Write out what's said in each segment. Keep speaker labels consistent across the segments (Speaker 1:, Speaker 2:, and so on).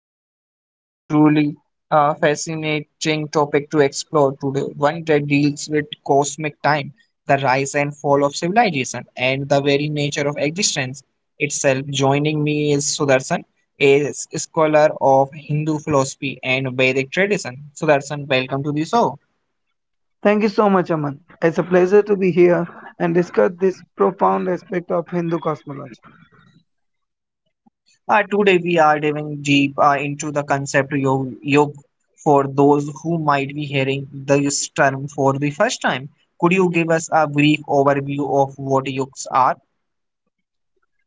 Speaker 1: and we have to a truly fascinating topic to explore today. One that deals with cosmic time, the rise and fall of civilization, and the very nature of existence itself. Joining me is Sudarshan, a scholar of Hindu philosophy and Vedic tradition. Sudarshan, welcome to the show.
Speaker 2: Thank you so much, Aman. It's a pleasure to be here and discuss this profound aspect of Hindu cosmology.
Speaker 1: Today we are diving deep into the concept yog for those who might be hearing this term for the first time. Could you give us a brief overview of what yogs are?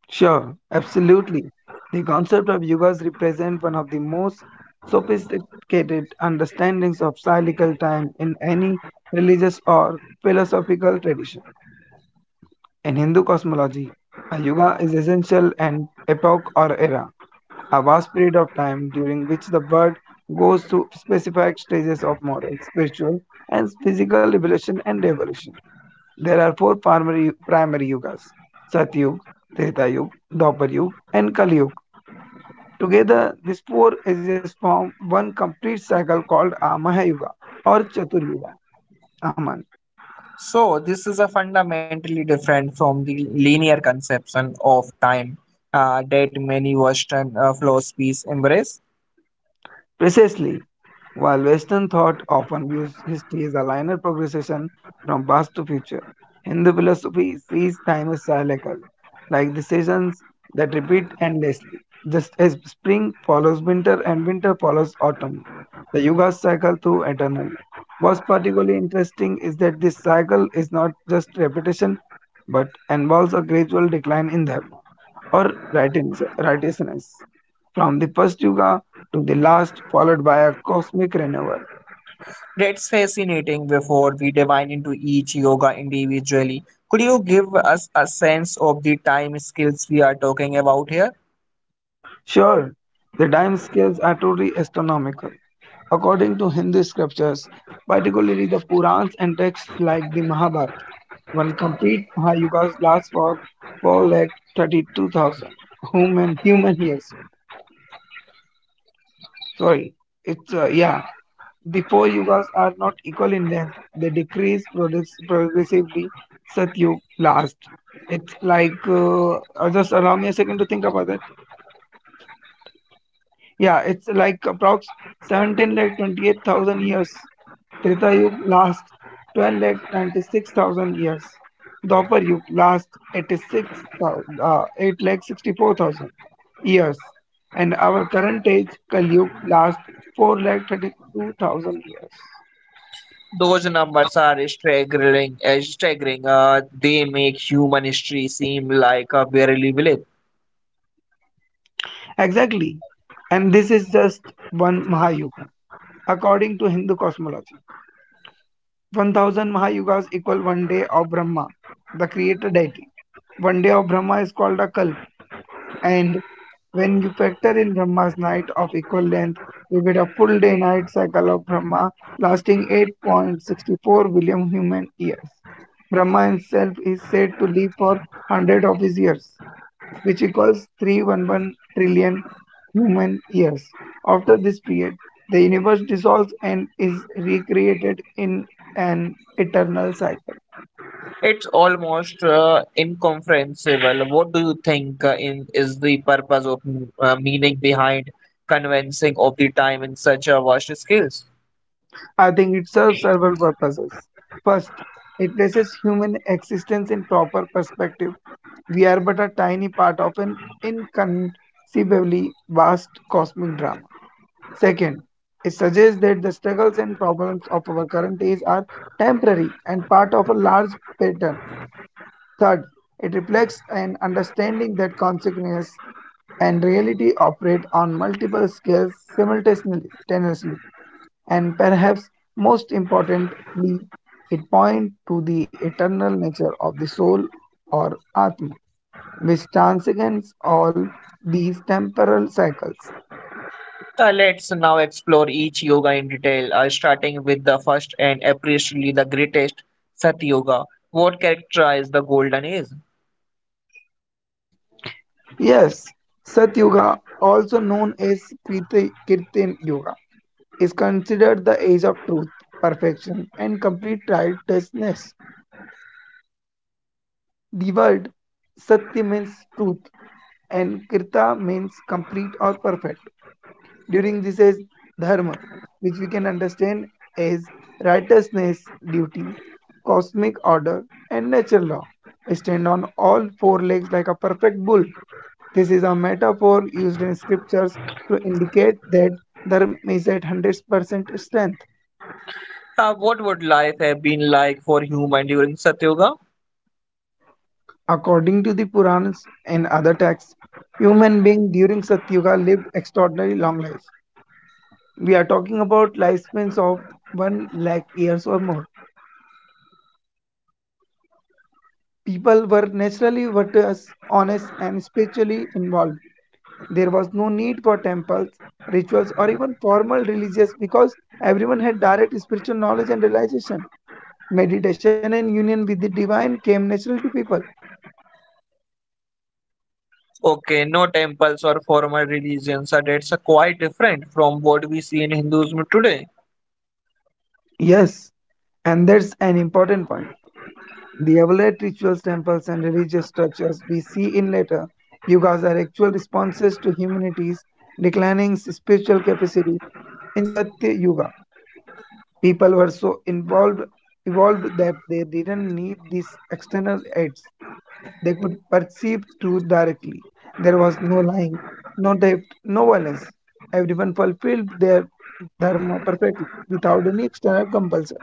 Speaker 2: Sure, absolutely. The concept of yugas represent one of the most sophisticated understandings of cyclical time in any religious or philosophical tradition. In Hindu cosmology, a yuga is essential an epoch or era, a vast period of time during which the world goes through specified stages of moral, spiritual, and physical evolution and evolution. There are four primary yugas: Satyug, Treta Yug, Dwapar Yug, and Kali Yug. Together, these four ages form one complete cycle called a Mahayuga or Chatur Yuga. Aman.
Speaker 1: So this is a fundamentally different from the linear conception of time that many Western philosophies embrace.
Speaker 2: Precisely. While Western thought often views history as a linear progression from past to future, Hindu philosophy sees time as cyclical, like the seasons that repeat endlessly. Just as spring follows winter and winter follows autumn, the yugas cycle through eternal. What's particularly interesting is that this cycle is not just repetition but involves a gradual decline in them or righteousness, from the first yuga to the last, followed by a cosmic renewal.
Speaker 1: That's fascinating. Before we dive into each yoga individually, could you give us a sense of the time scales we are talking about here?
Speaker 2: Sure, the time scales are totally astronomical. According to Hindu scriptures, particularly the Purans and texts like the Mahabharata, one complete Mahayuga's lasts for 4 lakh 32,000 human years. Sorry, it's the four yugas are not equal in length, they decrease progressively. Satyug last. It's like, just allow me a second to think about that. Yeah, it's like approx 17 lakh 28,000 years. Treta Yug last 12 lakh 96,000 years. Dwapar Yug last 8 lakh 64,000 years. And our current age, Kali Yug, last 4 lakh 32,000 years.
Speaker 1: Those numbers are staggering. They make human history seem like a barely blip.
Speaker 2: Exactly. And this is just one Mahayuga. According to Hindu cosmology, 1000 Mahayugas equal one day of Brahma, the creator deity. One day of Brahma is called a Kalp, and when you factor in Brahma's night of equal length, you get a full day night cycle of Brahma lasting 8.64 billion human years. Brahma himself is said to live for 100 of his years which equals 311 trillion human years. After this period, the universe dissolves and is recreated in an eternal cycle.
Speaker 1: It's almost incomprehensible. What do you think in is the purpose of meaning behind convincing of the time in such a vast scales?
Speaker 2: I think it serves several purposes. First, it places human existence in proper perspective. We are but a tiny part of an inconceivably vast cosmic drama. Second, it suggests that the struggles and problems of our current age are temporary and part of a large pattern. Third, it reflects an understanding that consciousness and reality operate on multiple scales simultaneously, and perhaps most importantly, it points to the eternal nature of the soul or Atma, which transcends all these temporal cycles.
Speaker 1: Let's now explore each yoga in detail, starting with the first and appreciably the greatest, Sat Yoga. What characterized the golden age?
Speaker 2: Yes, Sat Yuga, also known as Kirtan Yuga, is considered the age of truth, perfection, and complete righteousness. The word Satya means truth and Krita means complete or perfect. During this is Dharma, which we can understand as righteousness, duty, cosmic order, and nature law, stand on all four legs like a perfect bull. This is a metaphor used in scriptures to indicate that Dharma is at 100% strength.
Speaker 1: What would life have been like for human during Satyoga?
Speaker 2: According to the Puranas and other texts, human beings during Satyuga lived extraordinary long lives. We are talking about lifespans of 1 lakh years or more. People were naturally virtuous, honest, and spiritually involved. There was no need for temples, rituals, or even formal religious because everyone had direct spiritual knowledge and realization. Meditation and union with the divine came natural to people.
Speaker 1: Okay, no temples or formal religions, so that's quite different from what we see in Hinduism today.
Speaker 2: Yes, and that's an important point. The elaborate rituals, temples, and religious structures we see in later yugas are actual responses to humanity's declining spiritual capacity. In Satya Yuga, people were so involved evolved that they didn't need these external aids. They could perceive truth directly. There was no lying, no theft, no violence. Everyone fulfilled their dharma perfectly without any external compulsion.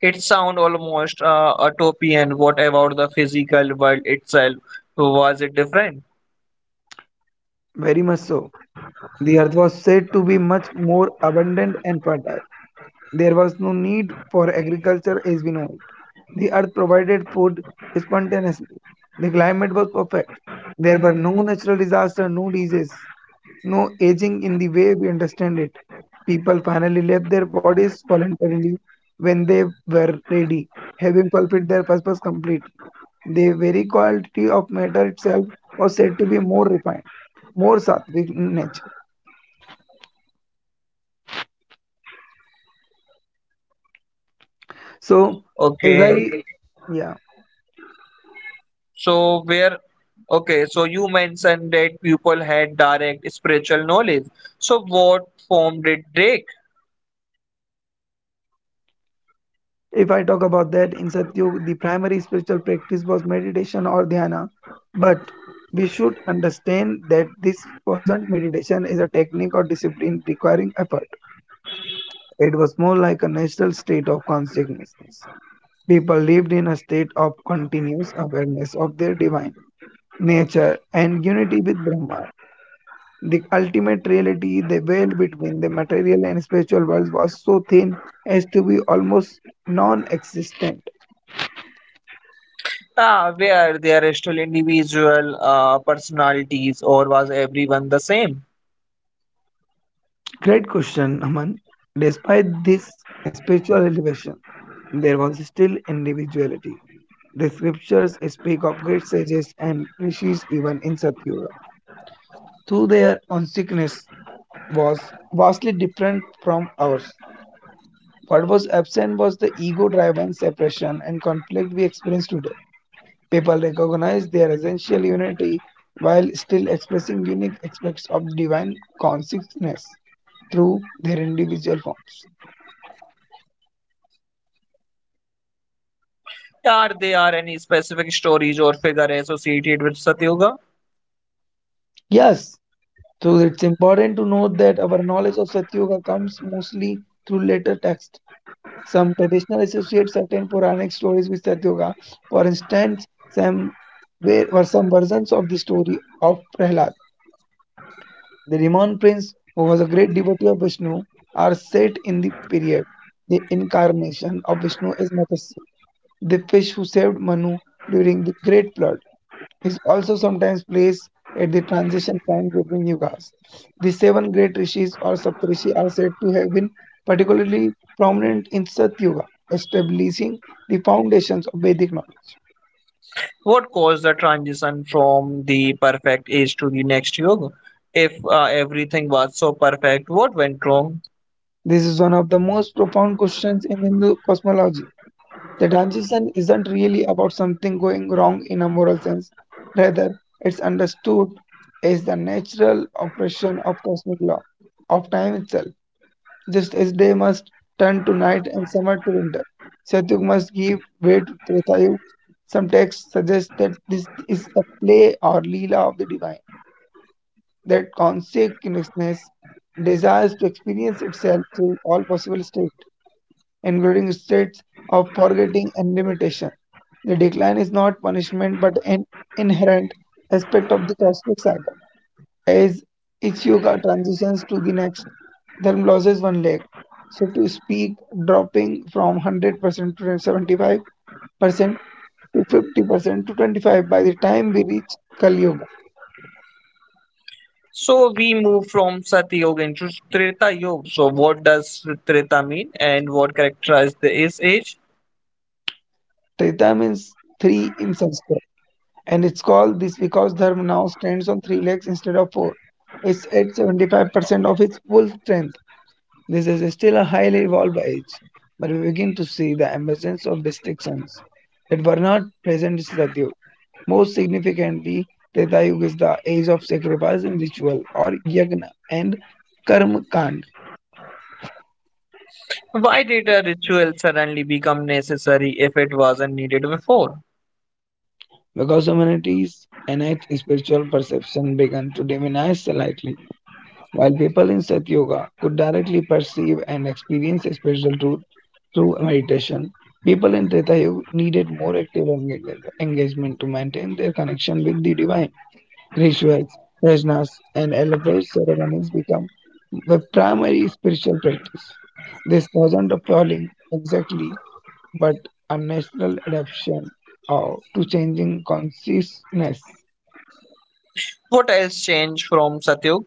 Speaker 1: It sounds almost utopian. What about the physical world itself? Was it different?
Speaker 2: Very much so. The earth was said to be much more abundant and fertile. There was no need for agriculture as we know it. The earth provided food spontaneously. The climate was perfect. There were no natural disasters, no disease, no aging in the way we understand it. People finally left their bodies voluntarily when they were ready, having fulfilled their purpose completely. The very quality of matter itself was said to be more refined, more sattvic in nature. So, as
Speaker 1: Okay,
Speaker 2: I, yeah,
Speaker 1: so where? Okay, so you mentioned that people had direct spiritual knowledge. So what form did take?
Speaker 2: if I talk about that in Satyug, the primary spiritual practice was meditation or dhyana, but we should understand that this wasn't meditation as a technique or discipline requiring effort. It was more like a natural state of consciousness. People lived in a state of continuous awareness of their divine nature and unity with Brahman. The ultimate reality, the veil between the material and spiritual worlds, was so thin as to be almost non existent.
Speaker 1: Ah, where they are still individual personalities, or was everyone the same?
Speaker 2: Great question, Aman. Despite this spiritual elevation, there was still individuality. The scriptures speak of great sages and rishis even in Satyuga, though their consciousness was vastly different from ours. What was absent was the ego driven separation and conflict we experience today. People recognize their essential unity while still expressing unique aspects of divine consciousness through their individual forms.
Speaker 1: Are there any specific stories or figure associated with Satyoga?
Speaker 2: Yes, so it's important to note that our knowledge of Satyoga comes mostly through later texts. Some traditional associate certain Puranic stories with Satyoga. For instance, some were some versions of the story of Prahlad, the Riman prince, who was a great devotee of Vishnu, are set in the period. The incarnation of Vishnu is Matsya. The fish who saved Manu during the Great Flood is also sometimes placed at the transition point between yugas. The seven great rishis or Saptarishi are said to have been particularly prominent in Satyuga, establishing the foundations of Vedic knowledge.
Speaker 1: What caused the transition from the perfect age to the next yoga? If everything was so perfect, what went wrong?
Speaker 2: This is one of the most profound questions in Hindu cosmology. The transition isn't really about something going wrong in a moral sense, rather, it's understood as the natural operation of cosmic law, of time itself. Just as day must turn to night and summer to winter, Satyug must give way to Tretayug. Some texts suggest that this is the play or Leela of the divine, that consciousness desires to experience itself through all possible states including states of forgetting and limitation. The decline is not punishment but an inherent aspect of the cosmic cycle. As each yoga transitions to the next, Dharma loses one leg. So to speak, dropping from 100% to 75% to 50% to 25% by the time we reach Kali Yuga.
Speaker 1: So we move from Satyoga into Treta Yoga. So what does Treta mean and what characterized this age?
Speaker 2: Treta means three in Sanskrit, and it's called this because Dharma now stands on three legs instead of four. It's at 75% of its full strength. This is still a highly evolved age, but we begin to see the emergence of distinctions that were not present in Satyu. Most significantly, Treta Yuga is the age of sacrifice and ritual or yagna and karma kand
Speaker 1: Why did a ritual suddenly become necessary if it wasn't needed before?
Speaker 2: because humanity's innate spiritual perception began to diminish slightly. While people in Satyoga could directly perceive and experience spiritual truth through meditation, people in Treta Yuga needed more active engagement to maintain their connection with the divine. Rituals, yajnas, and elaborate ceremonies become the primary spiritual practice. This wasn't appalling exactly, but a natural adaptation to changing consciousness.
Speaker 1: What else changed from Satyog?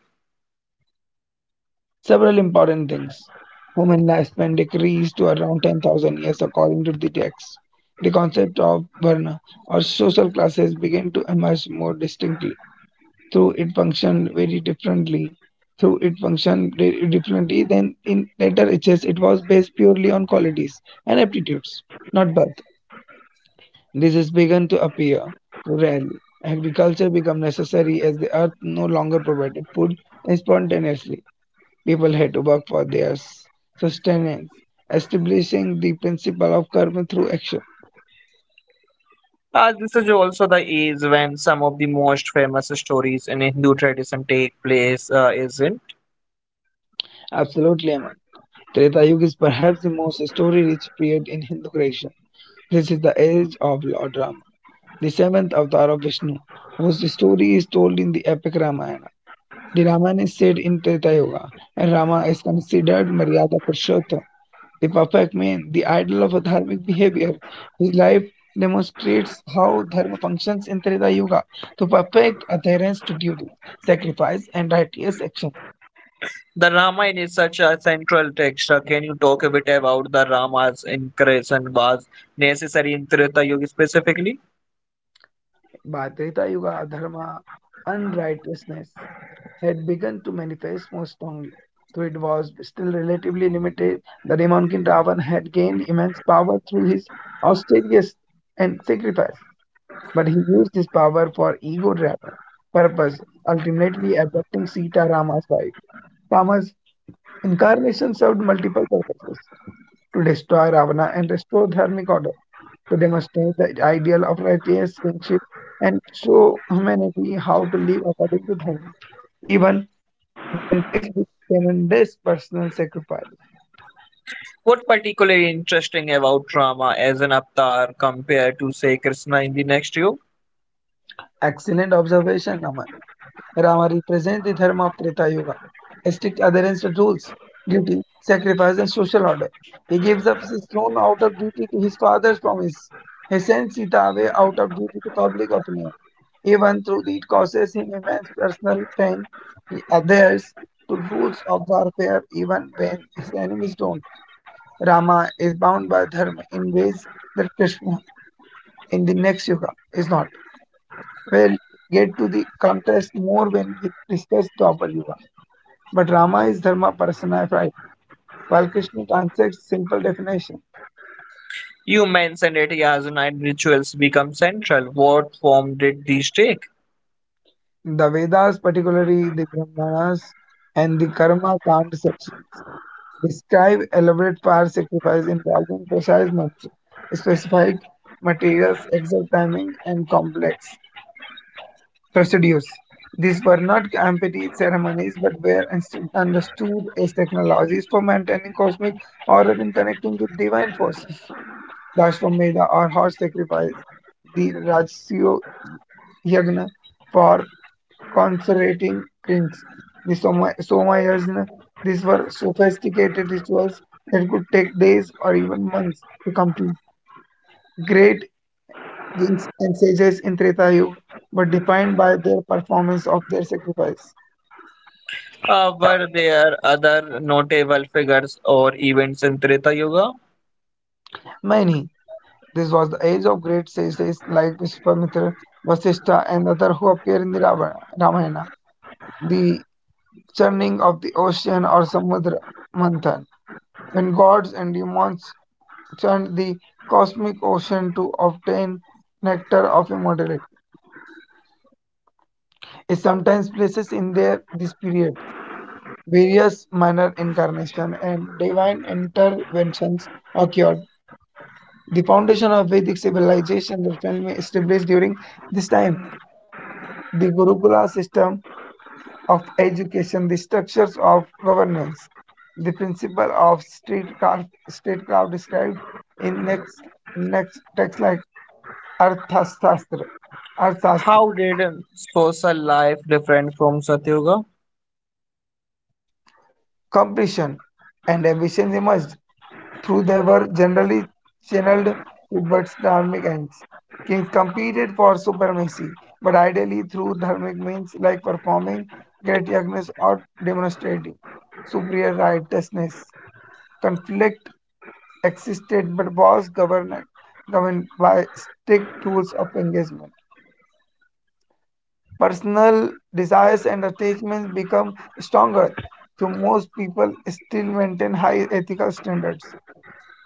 Speaker 2: Several important things. Human lifespan decreased to around 10,000 years according to the text. The concept of varna or social classes began to emerge more distinctly. Through it functioned very differently. Through it functioned very differently than in later ages. It was based purely on qualities and aptitudes, not birth. This has begun to appear rarely. Agriculture became necessary as the earth no longer provided food spontaneously. People had to work for their sustenance, establishing the principle of karma through action.
Speaker 1: This is also the age when some of the most famous stories in Hindu tradition take place, isn't?
Speaker 2: Absolutely, Aman. Treta Yuga is perhaps the most story-rich period in Hindu creation. This is the age of Lord Rama, the seventh avatar of Vishnu, whose story is told in the epic Ramayana. The Ramayana is set in Treta Yuga, and Rama is considered Maryada Purushottam, the perfect man, the idol of dharmic behavior. His life demonstrates how dharma functions in Treta Yuga to perfect adherence to duty, sacrifice, and righteous action.
Speaker 1: The Ramayana is such a central text. Can you talk a bit about the Rama's incarnation was necessary in Treta Yuga specifically?
Speaker 2: By Treta Yuga, dharma, unrighteousness had begun to manifest more strongly. Though it was still relatively limited, the demon king Ravan had gained immense power through his austerious and sacrifice, but he used his power for ego driven purpose, ultimately abducting Sita Rama's wife. Rama's incarnation served multiple purposes to destroy Ravana and restore dharmic order, to demonstrate the ideal of righteous kingship and show humanity how to live according to dharma, even when faced with tremendous personal sacrifice.
Speaker 1: What particularly interesting about Rama as an avatar compared to say Krishna in the next yuga?
Speaker 2: Excellent observation, Aman. Rama represents the dharma of Treta Yuga, strict adherence to rules, duty, sacrifice, and social order. He gives up his throne out of duty to his father's promise. He sends Sita away out of duty to public opinion. Even though it causes him immense personal pain, he adheres to rules of warfare even when his enemies don't. Rama is bound by dharma in ways that Krishna in the next yuga is not. Will get to the contrast more when we discuss the upper Yuga. But Rama is Dharma personified, while Krishna transacts simple definition.
Speaker 1: You mentioned it as nine rituals become central. What form did these take?
Speaker 2: The Vedas, particularly the Brahmanas and the Karma Kand sections, describe elaborate fire sacrifice involving precise mantra, specified materials, exact timing, and complex residues. These were not empty ceremonies, but were understood as technologies for maintaining cosmic order and connecting with divine forces. Lashvamedha or horse sacrifice, the Rajasya Yagna for consecrating kings, the Soma Yajna. These were sophisticated rituals that could take days or even months to complete. Great. Kings and sages in Treta Yuga were defined by their performance of their sacrifice.
Speaker 1: Were there other notable figures or events in Treta Yuga?
Speaker 2: Many. This was the age of great sages like Vishwamitra, Vasishtha, and others who appear in the Ramayana. The churning of the ocean or Samudra Manthan, when gods and demons churned the cosmic ocean to obtain nectar of immortality, is sometimes places in their this period. Various minor incarnations and divine interventions occurred. The foundation of Vedic civilization was firmly established during this time. The Gurukula system of education, the structures of governance, the principle of statecraft described in next texts like Arthashastra, Arthashastra,
Speaker 1: How did social life differ from Satyuga?
Speaker 2: completion, and ambition emerged, though they were generally channeled to Bud's dharmic ends. Kings competed for supremacy, but ideally through dharmic means like performing great yagnas or demonstrating superior righteousness. Conflict existed but was governed by strict rules of engagement. Personal desires and attachments become stronger, though most people still maintain high ethical standards.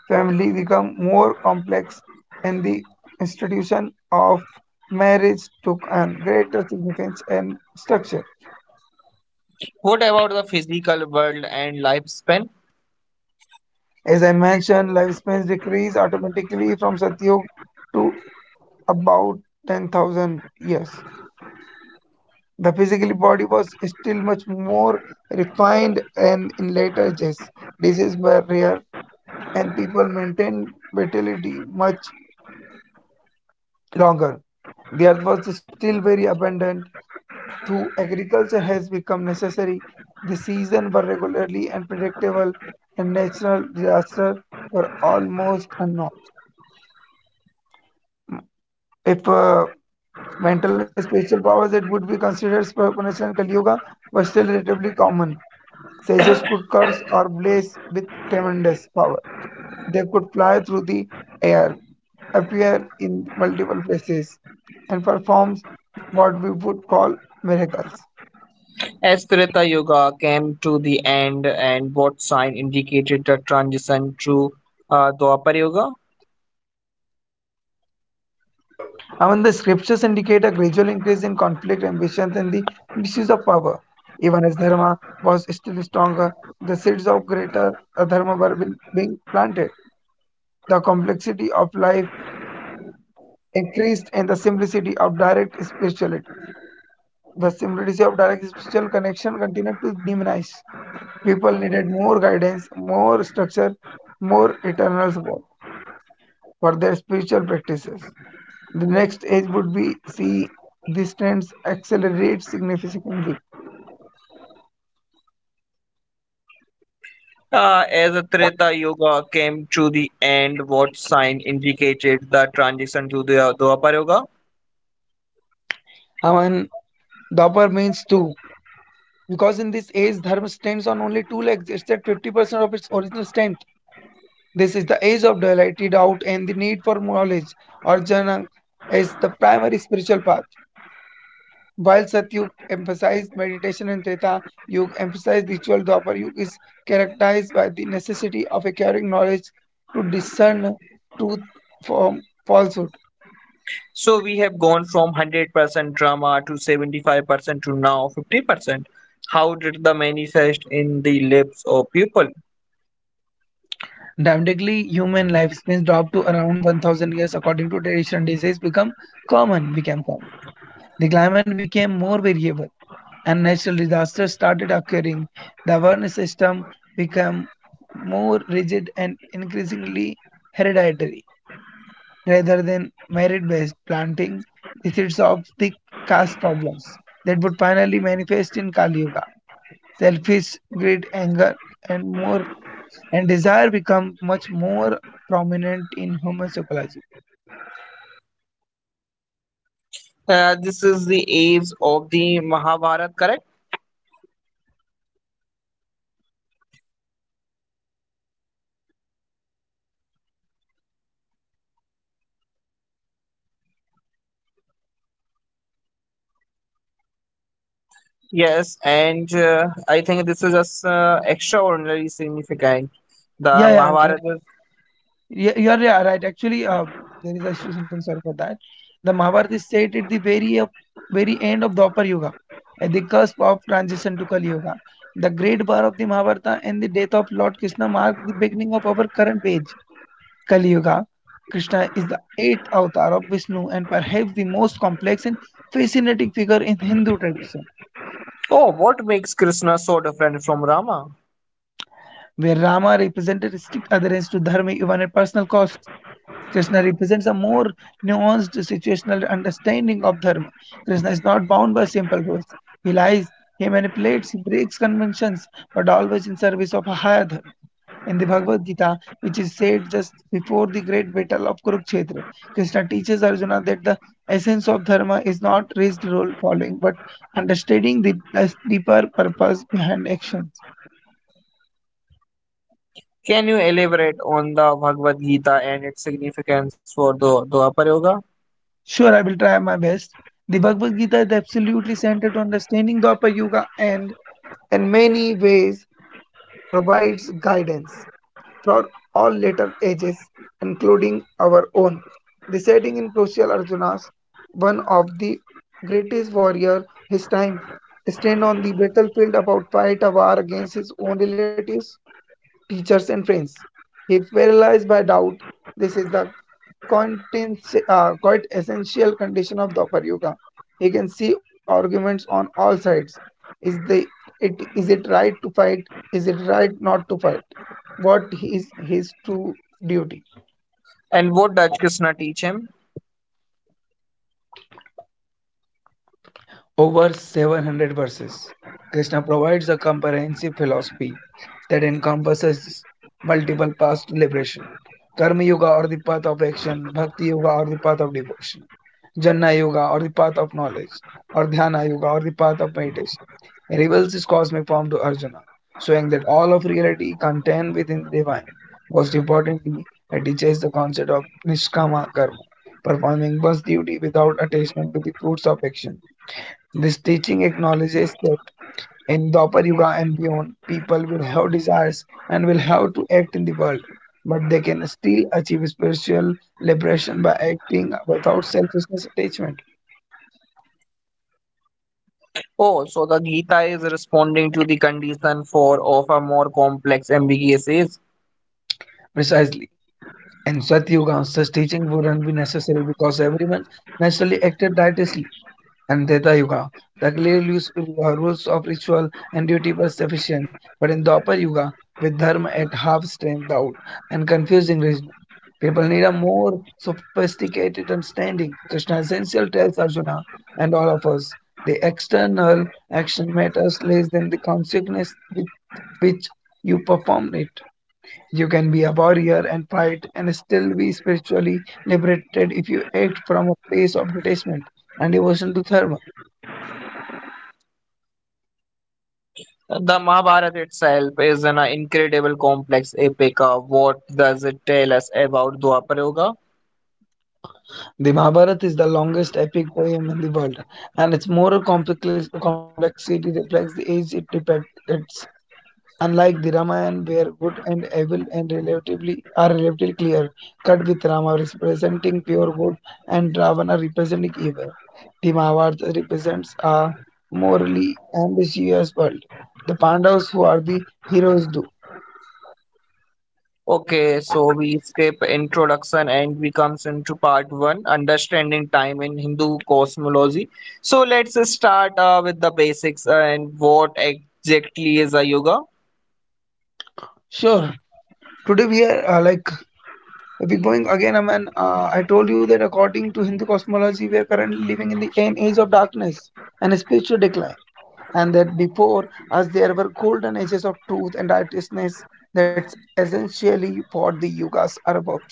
Speaker 2: Family became more complex and the institution of marriage took on greater significance and structure.
Speaker 1: What about the physical world and lifespan?
Speaker 2: As I mentioned, lifespans decrease automatically from Satyog to about 10,000 years. The physical body was still much more refined and in later ages. Diseases were rare and people maintained vitality much longer. The earth was still very abundant. Though agriculture has become necessary, the seasons were regularly and predictable, and natural disasters were almost unknown. If Mental and spiritual powers that would be considered supernatural in Kali Yuga were still relatively common, sages could curse or bless with tremendous power. They could fly through the air, appear in multiple places, and perform what we would call miracles.
Speaker 1: As Treta Yuga came to the end, and what sign indicated the transition to Dwapar Yuga?
Speaker 2: I mean, the scriptures indicate a gradual increase in conflict, ambitions, and the misuse of power. Even as Dharma was still stronger, the seeds of greater Dharma were being planted. The complexity of life increased and the simplicity of direct spirituality. The simplicity of direct spiritual connection continued to diminish. People needed more guidance, more structure, more eternal support for their spiritual practices. The next age would be C. These trends accelerate significantly.
Speaker 1: As Treta Yuga came to the end, what sign indicated the transition to the Dwapar Yuga?
Speaker 2: I mean, the upper means two. Because in this age, dharma stands on only two legs. It's at 50% of its original strength. This is the age of duality, doubt, and the need for knowledge. Arjuna is the primary spiritual path. While Satyug emphasized meditation and Treta Yug emphasized ritual, Dwapar Yug is characterized by the necessity of acquiring knowledge to discern truth from falsehood.
Speaker 1: So we have gone from 100% drama to 75% to now 50%. How did the manifest in the lips of people?
Speaker 2: Dramatically, human lifespans dropped to around 1000 years according to tradition. Became common. The climate became more variable and natural disasters started occurring. The awareness system became more rigid and increasingly hereditary rather than merit based, planting the seeds of the caste problems that would finally manifest in Kali Yuga. Selfish, greed, anger, and more and desire become much more prominent in human psychology.
Speaker 1: This is the age of the Mahabharata, correct? Yes, and I think this is just extraordinarily significant. The
Speaker 2: Yeah, yeah, uh,
Speaker 1: Mahabharata. Is-
Speaker 2: yeah, right. Actually, there is issue something sorry for that. The Mahabharata is set at the very end of Dwapar Yuga, at the cusp of transition to Kali Yuga. The great bar of the Mahabharata and the death of Lord Krishna mark the beginning of our current age, Kali Yuga. Krishna is the eighth avatar of Vishnu and perhaps the most complex and fascinating figure in Hindu tradition.
Speaker 1: Oh, what makes Krishna so different from Rama?
Speaker 2: Where Rama represented strict adherence to dharma even at personal cost, Krishna represents a more nuanced situational understanding of dharma. Krishna is not bound by simple rules. He lies, he manipulates, he breaks conventions, but always in service of a higher dharma. In the Bhagavad Gita, which is said just before the great battle of Kurukshetra, Krishna teaches Arjuna that the essence of dharma is not rigid rule following, but understanding the deeper purpose behind action.
Speaker 1: Can you elaborate on the Bhagavad Gita and its significance for the Dwapar Yoga?
Speaker 2: Sure, I will try my best. The Bhagavad Gita is absolutely central to understanding the Upper Yuga and, in many ways, provides guidance for all later ages, including our own. Reciting in crucial Arjuna's, one of the greatest warrior his time, stand on the battlefield about fight a war against his own relatives teachers, and friends. He paralyzed by doubt. This is the quite essential condition of Dwapar Yuga. He can see arguments on all sides. Is the is it right to fight? Is it right not to fight? What is his true duty?
Speaker 1: And what does Krishna teach him?
Speaker 2: Over 700 verses. Krishna provides a comprehensive philosophy that encompasses multiple paths to liberation. Karma Yoga or the path of action, Bhakti Yoga or the path of devotion, Jnana Yoga or the path of knowledge, or Dhyana Yoga or the path of meditation. He reveals his cosmic form to Arjuna, showing that all of reality contained within the divine. Most importantly, it teaches the concept of Nishkama Karma, performing one's duty without attachment to the fruits of action. This teaching acknowledges that in the Upper Yuga and beyond, people will have desires and will have to act in the world, but they can still achieve spiritual liberation by acting without selfishness attachment.
Speaker 1: Oh, so the Gita is responding to the condition for of a more complex ambiguous age.
Speaker 2: Precisely. In Satyuga, such teaching wouldn't be necessary because everyone naturally acted righteously. And Treta Yuga. The clear rules of ritual and duty were sufficient, but in the Upper Yuga, with Dharma at half strength out and confusing reason, people need a more sophisticated understanding. Krishna essential tells Arjuna and all of us the external action matters less than the consequence with which you perform it. You can be a warrior and fight and still be spiritually liberated if you act from a place of detachment and devotion to Dharma.
Speaker 1: The Mahabharata itself is an incredible complex epic. What does it tell us about Dwapara Yuga?
Speaker 2: The Mahabharata is the longest epic poem in the world, and its moral complexity reflects the age it depicts. Unlike the Ramayana, where good and evil and relatively are relatively clear, cut with Rama representing pure good and Ravana representing evil, the Mahabharata represents a morally ambiguous world. The Pandavas, who are the heroes, do.
Speaker 1: Okay, so we skip introduction and we comes into part one, understanding time in Hindu cosmology. So let's start with the basics and what exactly is a yoga.
Speaker 2: Sure, today we are like If we going again, Aman, I told you that according to Hindu cosmology, we are currently living in the end age of darkness and spiritual decline. And that before us, there were golden ages of truth and righteousness. That's essentially what the yugas are about.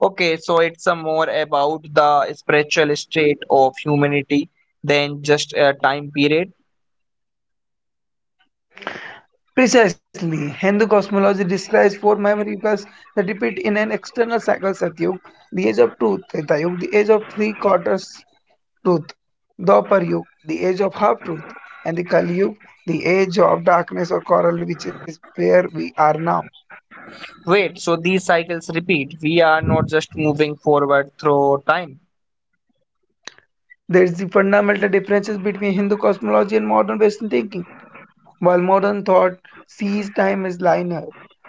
Speaker 1: Okay, so it's a more about the spiritual state of humanity than just a time period.
Speaker 2: Precisely, Hindu cosmology describes four minor yugas that repeat in an external cycle Satyug, the age of truth, Treta Yuga, the age of three quarters, truth, the upper yuga, the age of half truth, and the Kali Yuga, the age of darkness or coral, which is where we are now.
Speaker 1: Wait, so these cycles repeat. We are not just moving forward through time.
Speaker 2: There is the fundamental differences between Hindu cosmology and modern Western thinking. While modern thought sees time as linear,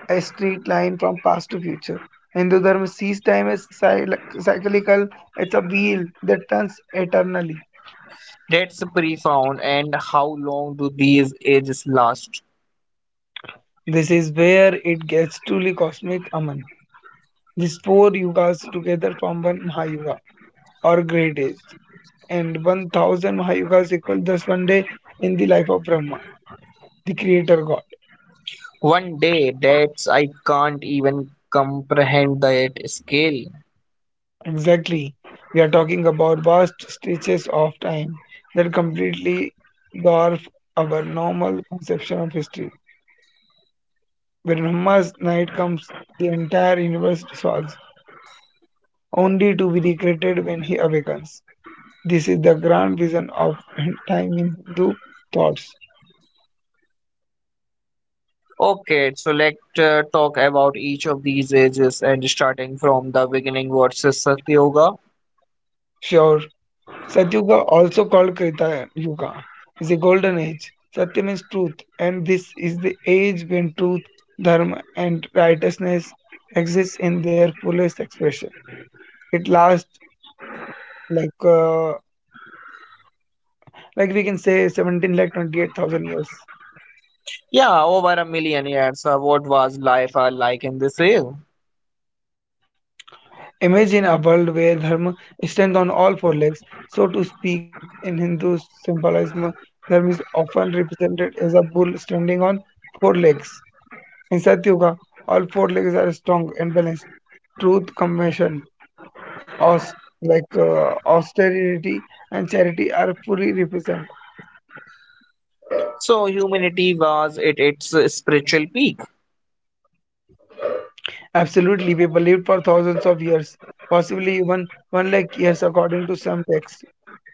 Speaker 2: a straight line from past to future, Hindu Dharma sees time as cyclical, it's a wheel that turns eternally.
Speaker 1: That's profound. And how long do these ages last?
Speaker 2: This is where it gets truly cosmic, Aman. These four yugas together form one Mahayuga or great age, and 1000 Mahayugas equal thus one day in the life of Brahma, the creator god.
Speaker 1: One day, that's I can't even comprehend that scale.
Speaker 2: Exactly. We are talking about vast stretches of time that completely dwarf our normal conception of history. When Brahma's night comes, the entire universe dissolves, only to be recreated when he awakens. This is the grand vision of time in Hindu thoughts.
Speaker 1: Okay, so let's talk about each of these ages and starting from the beginning. What's Satya Yoga?
Speaker 2: Sure, Satyuga, also called Krita Yuga, is a golden age. Satya means truth, and this is the age when truth, dharma, and righteousness exist in their fullest expression. It lasts like uh, we can say 17 lakh 28,000 years.
Speaker 1: Yeah, over a million years. What was life like in this era?
Speaker 2: Imagine a world where dharma stands on all four legs, so to speak. In Hindu symbolism, dharma is often represented as a bull standing on four legs. In Satyuga, all four legs are strong and balanced. Truth, compassion, aus- austerity, and charity are fully represented.
Speaker 1: So humanity was at its spiritual peak.
Speaker 2: Absolutely, we believed for thousands of years, possibly even one lakh years, according to some texts.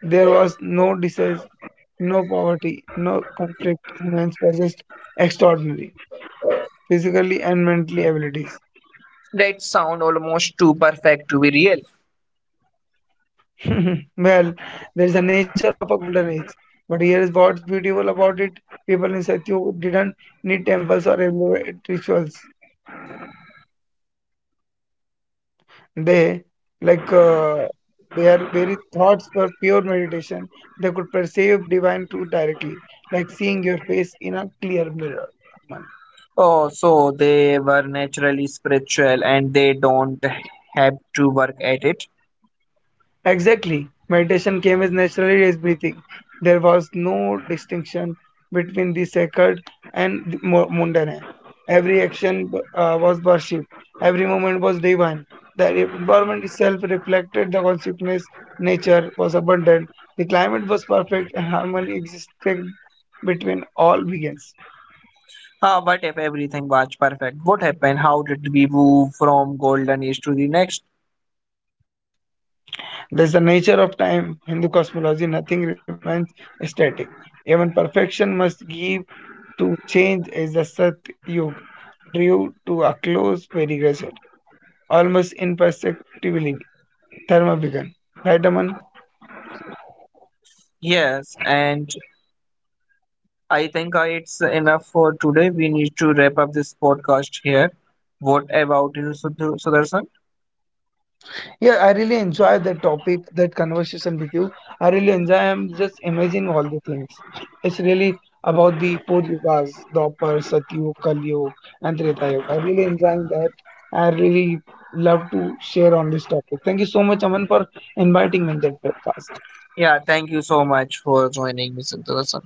Speaker 2: There was no disease, no poverty, no conflict. Humans possessed extraordinary physically and mentally abilities.
Speaker 1: That sound almost too perfect to be real.
Speaker 2: Well, there's a nature of a golden age. But here is what's beautiful about it. People in Satyu didn't need temples or elaborate rituals. They, like, uh, their very thoughts were pure meditation. They could perceive divine truth directly, like seeing your face in a clear mirror.
Speaker 1: Oh, so they were naturally spiritual and they don't have to work at it.
Speaker 2: Exactly. Meditation came as naturally as breathing. There was no distinction between the sacred and the mundane. Every action was worship. Every moment was divine. The environment itself reflected the consciousness. Nature was abundant. The climate was perfect, and harmony existed between all beings.
Speaker 1: What if everything was perfect? What happened? How did we move from golden age to the next?
Speaker 2: There is the nature of time. Hindu cosmology, nothing remains static. Even perfection must give to change as the Satyug drew to a close very gradual, almost imperceptibly. Dharma began. Right, Aman?
Speaker 1: Yes, and I think it's enough for today. We need to wrap up this podcast here. What about you, Sudarshan?
Speaker 2: Yeah, I really enjoy that topic, that conversation with you. I really enjoy. I'm just imagining all the things. It's really about the four yugas, Dwapar, Satyug, Kaliyug, and Treta Yuga. I really enjoying that. I really love to share on this topic. Thank you so much, Aman, for inviting me in that podcast.
Speaker 1: Yeah, thank you so much for joining me, Santosh.